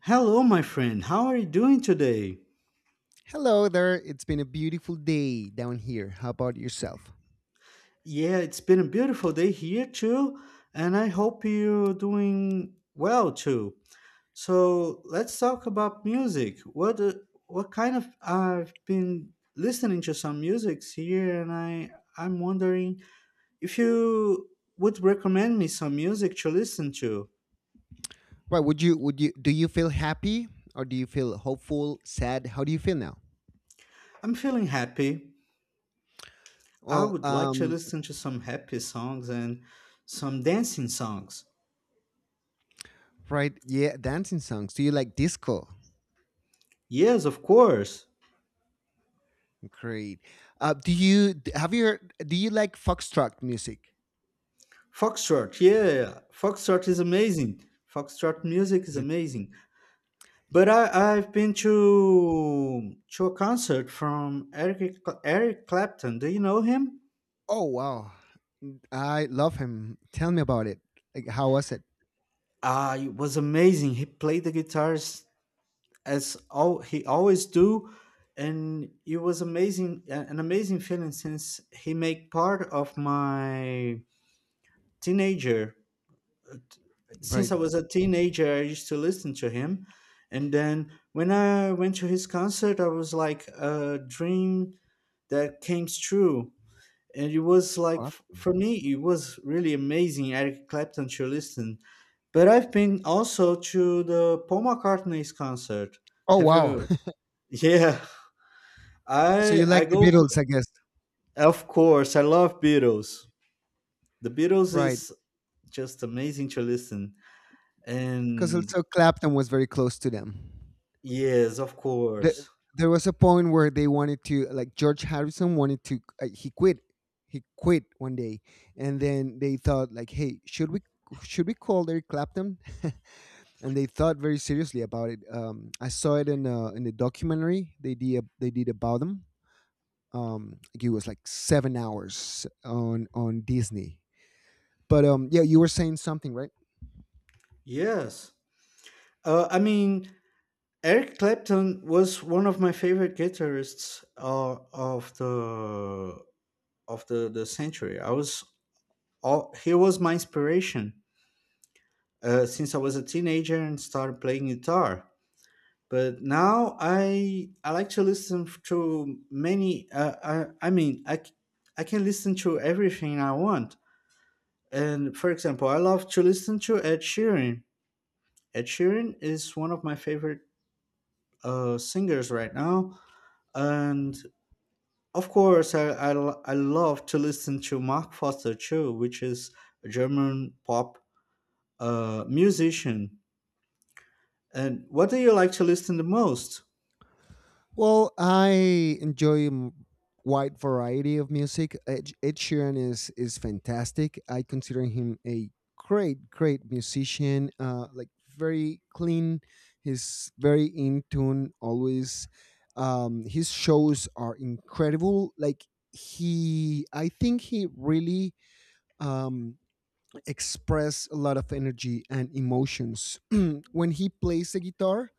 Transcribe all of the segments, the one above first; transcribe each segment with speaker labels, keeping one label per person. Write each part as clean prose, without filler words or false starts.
Speaker 1: Hello, my friend. How are you doing today?
Speaker 2: Hello there. It's been a beautiful day down here. How about yourself?
Speaker 1: Yeah, it's been a beautiful day here too, and I hope you're doing well too. So let's talk about music. What kind of I've been listening to some musics here, and I'm wondering if you would recommend me some music to listen to.
Speaker 2: Right? Would you do you feel happy, or do you feel hopeful, sad? How do you feel now?
Speaker 1: I'm feeling happy. I
Speaker 2: Well,
Speaker 1: would like to listen to some happy songs and some dancing songs.
Speaker 2: right, yeah, dancing songs. Do you like disco?
Speaker 1: Yes, of course.
Speaker 2: Great. Do you d- have you do you like foxtrot music?
Speaker 1: Foxtrot, yeah, yeah, yeah. Foxtrot is amazing. Foxtrot music is
Speaker 2: Is it,
Speaker 1: amazing. But I've been to a concert from Eric Clapton. Do you know him?
Speaker 2: oh wow, I love him. Tell me about it. Like, how was it?
Speaker 1: Ah, it was amazing. He played the guitars as all he always do, and it was amazing, an amazing feeling since he made part of my teenager since
Speaker 2: Right.
Speaker 1: I was a teenager, I used to listen to him. And then when I went to his concert, I was like a dream that came true. And it was like,
Speaker 2: Well,
Speaker 1: for me, it was really amazing, Eric Clapton to listen. But I've been also to the Paul McCartney's concert.
Speaker 2: oh
Speaker 1: Have
Speaker 2: wow.
Speaker 1: you? Yeah,
Speaker 2: So
Speaker 1: I
Speaker 2: you
Speaker 1: I
Speaker 2: like the
Speaker 1: go for,
Speaker 2: Beatles, I guess.
Speaker 1: of course, I love Beatles. The Beatles
Speaker 2: Right.
Speaker 1: is just amazing to listen.
Speaker 2: Because
Speaker 1: And
Speaker 2: also Clapton was very close to them.
Speaker 1: yes, of
Speaker 2: the,
Speaker 1: course.
Speaker 2: there was a point where they wanted to, like, George Harrison wanted to, he quit one day, and then they thought, like, hey, should we call Eric Clapton. And they thought very seriously about it. I saw it in in the documentary they did, about them. Like, it was like 7 hours on Disney. But yeah, you were saying something, right?
Speaker 1: Yes. I mean, Eric Clapton was one of my favorite guitarists of the century. He was my inspiration since I was a teenager and started playing guitar. But now I like to listen to many. I I mean I c- I can listen to everything I want. And for example, I love to listen to Ed Sheeran. Ed Sheeran is one of my favorite singers right now. And of course, I love to listen to Mark Foster too, which is a German pop musician. And what do you like to listen the most?
Speaker 2: Well, I enjoy wide variety of music. Ed Sheeran is fantastic. I consider him a great, great musician. Like, very clean. He's very in tune always. His shows are incredible. Like, I think he really um express a lot of energy and emotions. When he plays the guitar,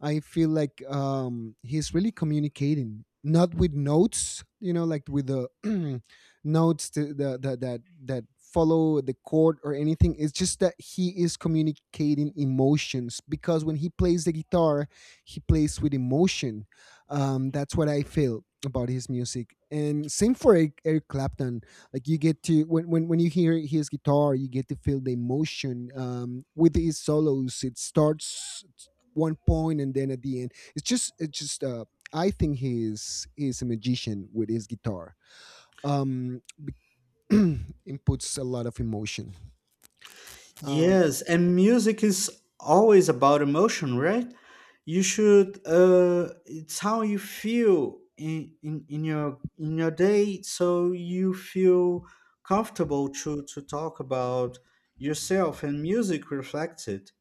Speaker 2: I feel like, he's really communicating, not with notes, you know, like with the notes to that follow the chord or anything. It's just that he is communicating emotions, because when he plays the guitar, he plays with emotion. That's what I feel about his music. And same for Eric Clapton. Like, you get to— when you hear his guitar, you get to feel the emotion. With his solos, it starts one point, and then at the end it's just I think he's a magician with his guitar. um Inputs a lot of emotion. um
Speaker 1: Yes, and music is always about emotion, right? You should. It's how you feel in your day, so you feel comfortable to talk about yourself, and music reflects it.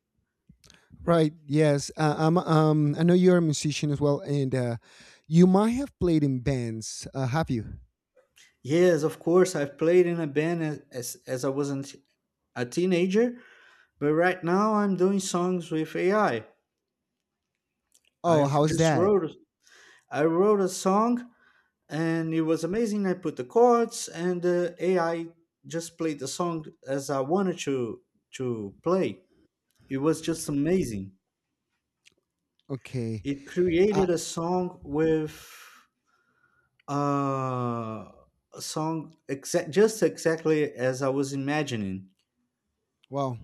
Speaker 2: right, yes. I'm— I know you're a musician as well, and you might have played in bands. Have you?
Speaker 1: Yes, of course. I've played in a band as I was a teenager, but right now I'm doing songs with AI. I
Speaker 2: Oh, how's
Speaker 1: just
Speaker 2: that?
Speaker 1: wrote I wrote a song and it was amazing. I put the chords and the AI just played the song as I wanted to play. It was just amazing.
Speaker 2: Okay.
Speaker 1: It
Speaker 2: uh
Speaker 1: created a song with uh, a song exact just exactly as I was imagining.
Speaker 2: well,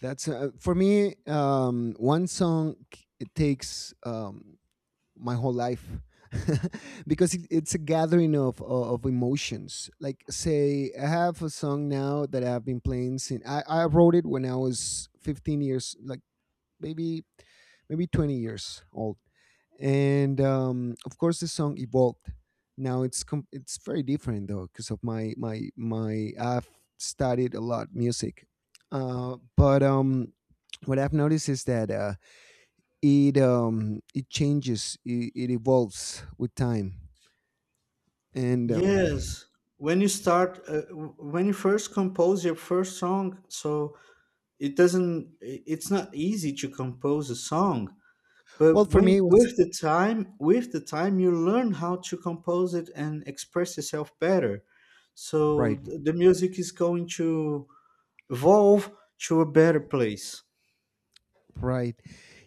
Speaker 2: that's, for me, one song, it takes, my whole life, because it's a gathering of, emotions, like, say I have a song now that I've been playing since I wrote it when I was 15 years, like, maybe 20 years old. And, of course, the song evolved. Now it's it's very different though, because of my my my I've studied a lot music. But, what I've noticed is that, it it changes, it evolves with time. And,
Speaker 1: Yes, when you start, when you first compose your first song, so it doesn't, I- it's not easy to compose a song.
Speaker 2: well,
Speaker 1: But
Speaker 2: for me
Speaker 1: when
Speaker 2: it was
Speaker 1: with the time, you learn how to compose it and express yourself better. So
Speaker 2: right,
Speaker 1: the music is going to evolve to a better place.
Speaker 2: right,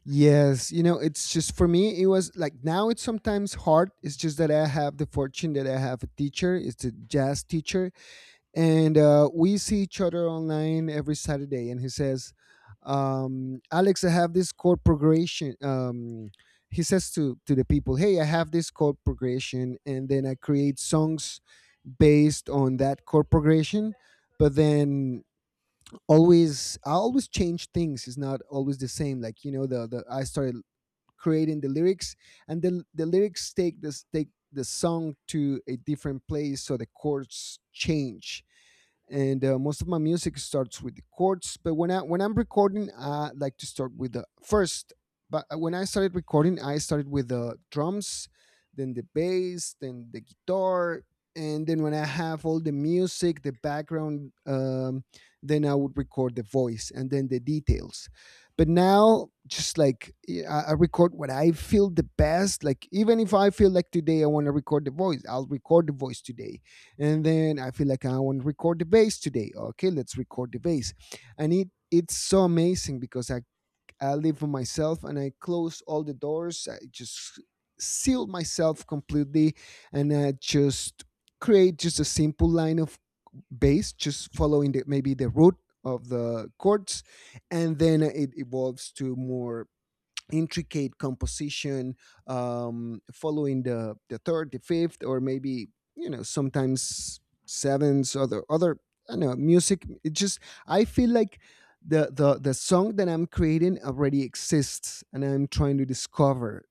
Speaker 2: yes. You know, it's just, for me it was like— now it's sometimes hard. It's just that I have the fortune that I have a teacher. It's a jazz teacher. And, we see each other online every Saturday. And he says, "Alex, I have this chord progression." He says to the people, "Hey, I have this chord progression, and then I create songs based on that chord progression." But then, always, I always change things. It's not always the same. Like, you know, the I started creating the lyrics, and the lyrics take the song to a different place, so the chords change. And, most of my music starts with the chords, but when I when I'm recording, I like to start with the first. But, when I started recording, I started with the drums, then the bass, then the guitar, and then when I have all the music, the background, then I would record the voice and then the details. But now, just, like, I record what I feel the best. Like, even if I feel like today I want to record the voice, I'll record the voice today. And then I feel like I want to record the bass today. Okay, let's record the bass. And it's so amazing, because I live for myself, and I close all the doors. I just seal myself completely, and I just create just a simple line of bass, just following maybe the root of the chords. And then it evolves to more intricate composition, following the third, the fifth, or maybe, you know, sometimes sevenths, other— I don't know music, it just— I feel like the song that I'm creating already exists, and I'm trying to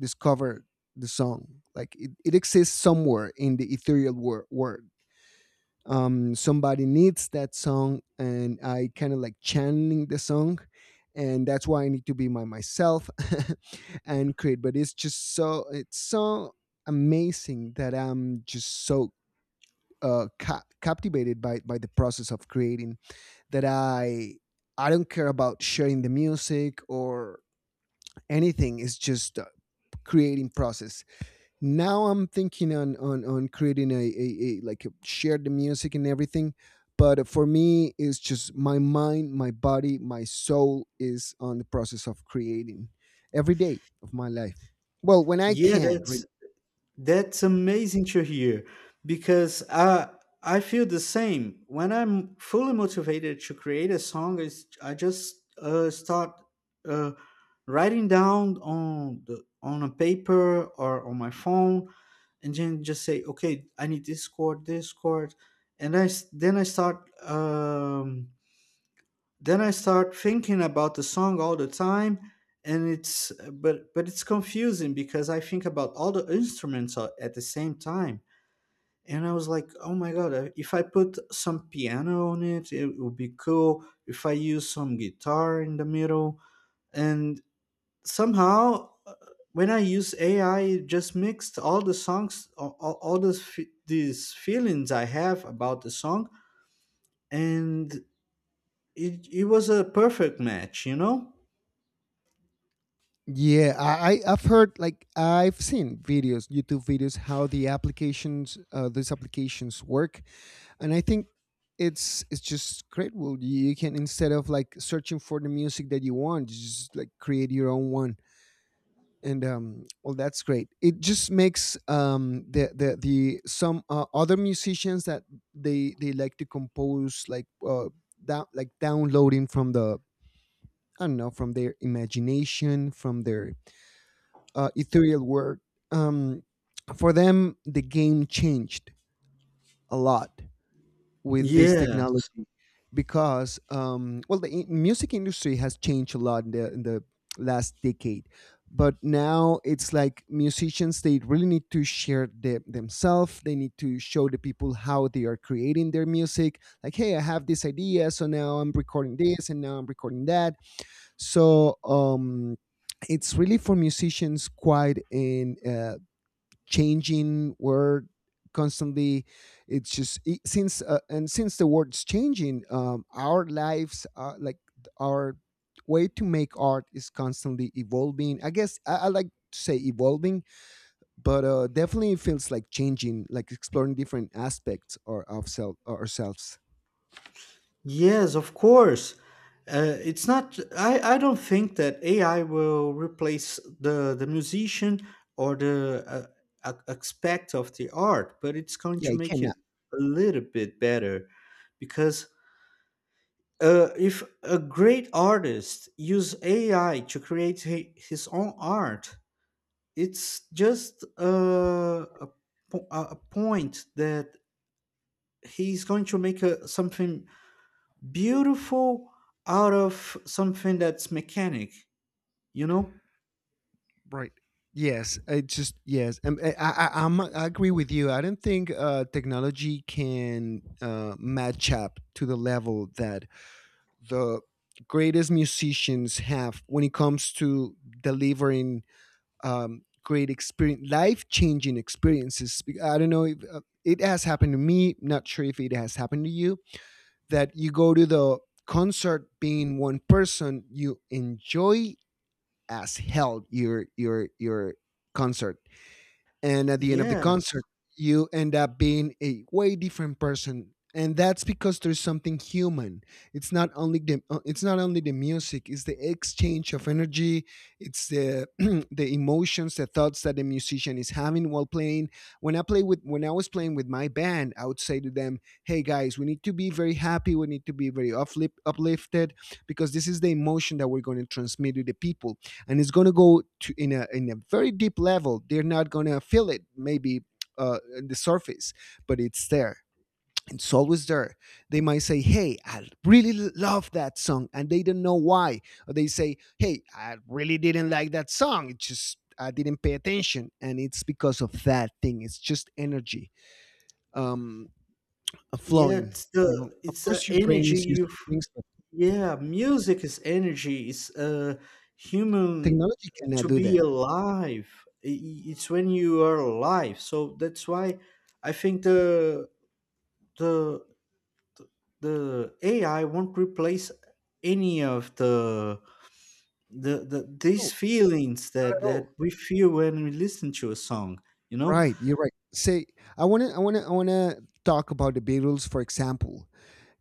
Speaker 2: discover the song, like, it exists somewhere in the ethereal world. Somebody needs that song, and I kind of like channeling the song, and that's why I need to be my myself. And create. But it's just so— it's so amazing that I'm just so, captivated by the process of creating, that I don't care about sharing the music or anything. It's just a creating process. Now I'm thinking on creating a, like, share the music and everything. But for me, it's just my mind, my body, my soul is on the process of creating every day of my life. Well, when I
Speaker 1: Yeah,
Speaker 2: can
Speaker 1: that's amazing to hear because I feel the same. When I'm fully motivated to create a song, I just start uh, writing down on the on a paper or on my phone, and then just say, okay, I need this chord, and then I start. Then I start thinking about the song all the time, and it's but it's confusing because I think about all the instruments at the same time, and I was like, oh my god, if I put some piano on it, it would be cool. If I use some guitar in the middle, and somehow when I use AI, it just mixed all the songs, all those these feelings I have about the song, and it was a perfect match, you know.
Speaker 2: yeah, I've heard, like, I've seen videos, YouTube videos, how the applications— these applications work. And I think it's just great. Well, you can, instead of, like, searching for the music that you want, you just, like, create your own one. And, well, that's great. It just makes, the some, other musicians that they like to compose, like, down like, downloading from the— I don't know, from their imagination, from their, ethereal work. um, for them the game changed a lot with this
Speaker 1: Yes,
Speaker 2: technology. Because, well, the music industry has changed a lot in in the last decade. But now it's like, musicians, they really need to share themselves, they need to show the people how they are creating their music, like, hey, I have this idea, so now I'm recording this, and now I'm recording that. So, it's really, for musicians, quite an, changing word, constantly. It's just— since, and since the world's changing, our lives are like— our way to make art is constantly evolving, I guess. I like to say evolving. But, definitely it feels like changing, like exploring different aspects or of self, ourselves.
Speaker 1: yes, of course. It's not. I don't think that AI will replace the musician or the aspect of the art, but it's going
Speaker 2: Yeah,
Speaker 1: to
Speaker 2: it
Speaker 1: make it
Speaker 2: cannot.
Speaker 1: a little bit better because if a great artist use AI to create his own art, it's just a point that he's going to make something beautiful out of something that's mechanic, you know.
Speaker 2: Right. Yes. I just— yes. Um, I agree with you. I don't think, technology can, match up to the level that the greatest musicians have when it comes to delivering, great experience, life changing experiences. I don't know if, it has happened to me. Not sure if it has happened to you. That you go to the concert being one person, you enjoy as hell your concert, and at the end of the
Speaker 1: yes
Speaker 2: concert you end up being a way different person, and that's because there's something human. It's not only the music, it's the exchange of energy. It's the the emotions, the thoughts that the musician is having while playing. When I play with when I was playing with my band, I would say to them, hey guys, we need to be very happy, we need to be very uplifted, because this is the emotion that we're going to transmit to the people, and it's going to go to— in a very deep level. They're not going to feel it, maybe, uh, the surface, but it's there. It's always there. They might say, hey, I really love that song, and they don't know why. Or they say, hey, I really didn't like that song, it just— I didn't pay attention, and it's because of that thing, it's just energy, um
Speaker 1: yeah
Speaker 2: flowing. You know, of
Speaker 1: it's the
Speaker 2: course your brain
Speaker 1: energy
Speaker 2: is used to things, but
Speaker 1: yeah, music is energy. It's human
Speaker 2: technology cannot
Speaker 1: to
Speaker 2: do
Speaker 1: be
Speaker 2: that.
Speaker 1: alive. It's when you are alive, so that's why i think the the the AI won't replace any of the
Speaker 2: No,
Speaker 1: these feelings
Speaker 2: not
Speaker 1: that
Speaker 2: at
Speaker 1: that
Speaker 2: all.
Speaker 1: we feel when we listen to a song, you know.
Speaker 2: Right, you're right. Say, I wanna talk about the Beatles, for example.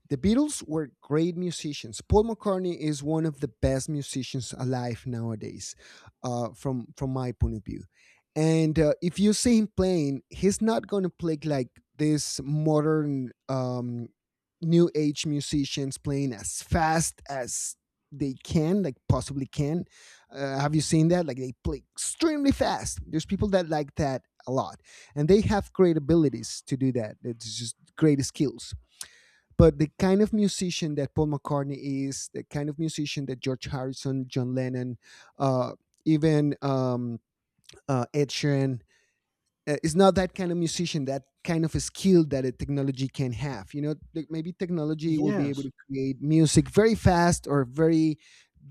Speaker 2: The Beatles were great musicians. Paul McCartney is one of the best musicians alive nowadays, from my point of view. And, if you see him playing, he's not going to play like this modern, new age musicians playing as fast as they can, like, possibly can. Have you seen that? Like, they play extremely fast. There's people that like that a lot, and they have great abilities to do that. It's just great skills. But the kind of musician that Paul McCartney is, the kind of musician that George Harrison, John Lennon, uh, even, Ed Sheeran, is not that kind of musician, that kind of a skill that a technology can have. You know, like, maybe technology will be able
Speaker 1: Yes.
Speaker 2: to create music very fast, or very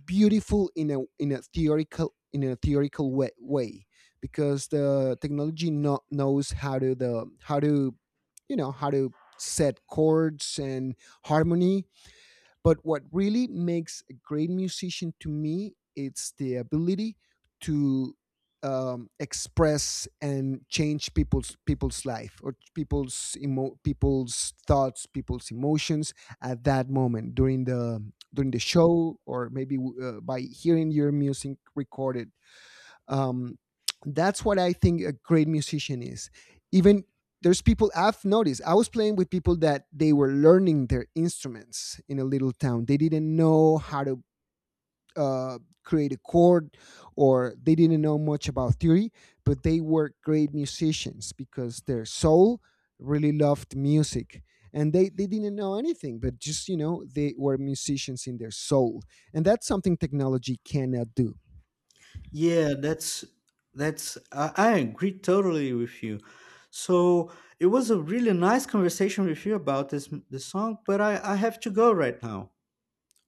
Speaker 2: beautiful in a theoretical way. Because the technology— no, knows how to— the how to, you know, how to set chords and harmony. But what really makes a great musician to me, it's the ability to, express and change people's life, or people's people's thoughts, people's emotions at that moment, during the— show, or maybe, by hearing your music recorded. um, that's what I think a great musician is. Even, there's people I've noticed. I was playing with people that they were learning their instruments in a little town. They didn't know how to, uh, create a chord, or they didn't know much about theory, but they were great musicians because their soul really loved music. And they didn't know anything, but just, you know, they were musicians in their soul. And that's something technology cannot do.
Speaker 1: Yeah, I agree totally with you. So it was a really nice conversation with you about this song, but I have to go right now.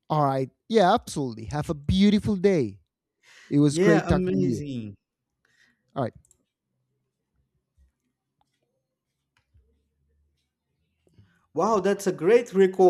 Speaker 2: All right. Yeah, absolutely. Have a beautiful day. It was
Speaker 1: Yeah,
Speaker 2: great talking to you.
Speaker 1: amazing.
Speaker 2: All right.
Speaker 1: Wow, that's a great record.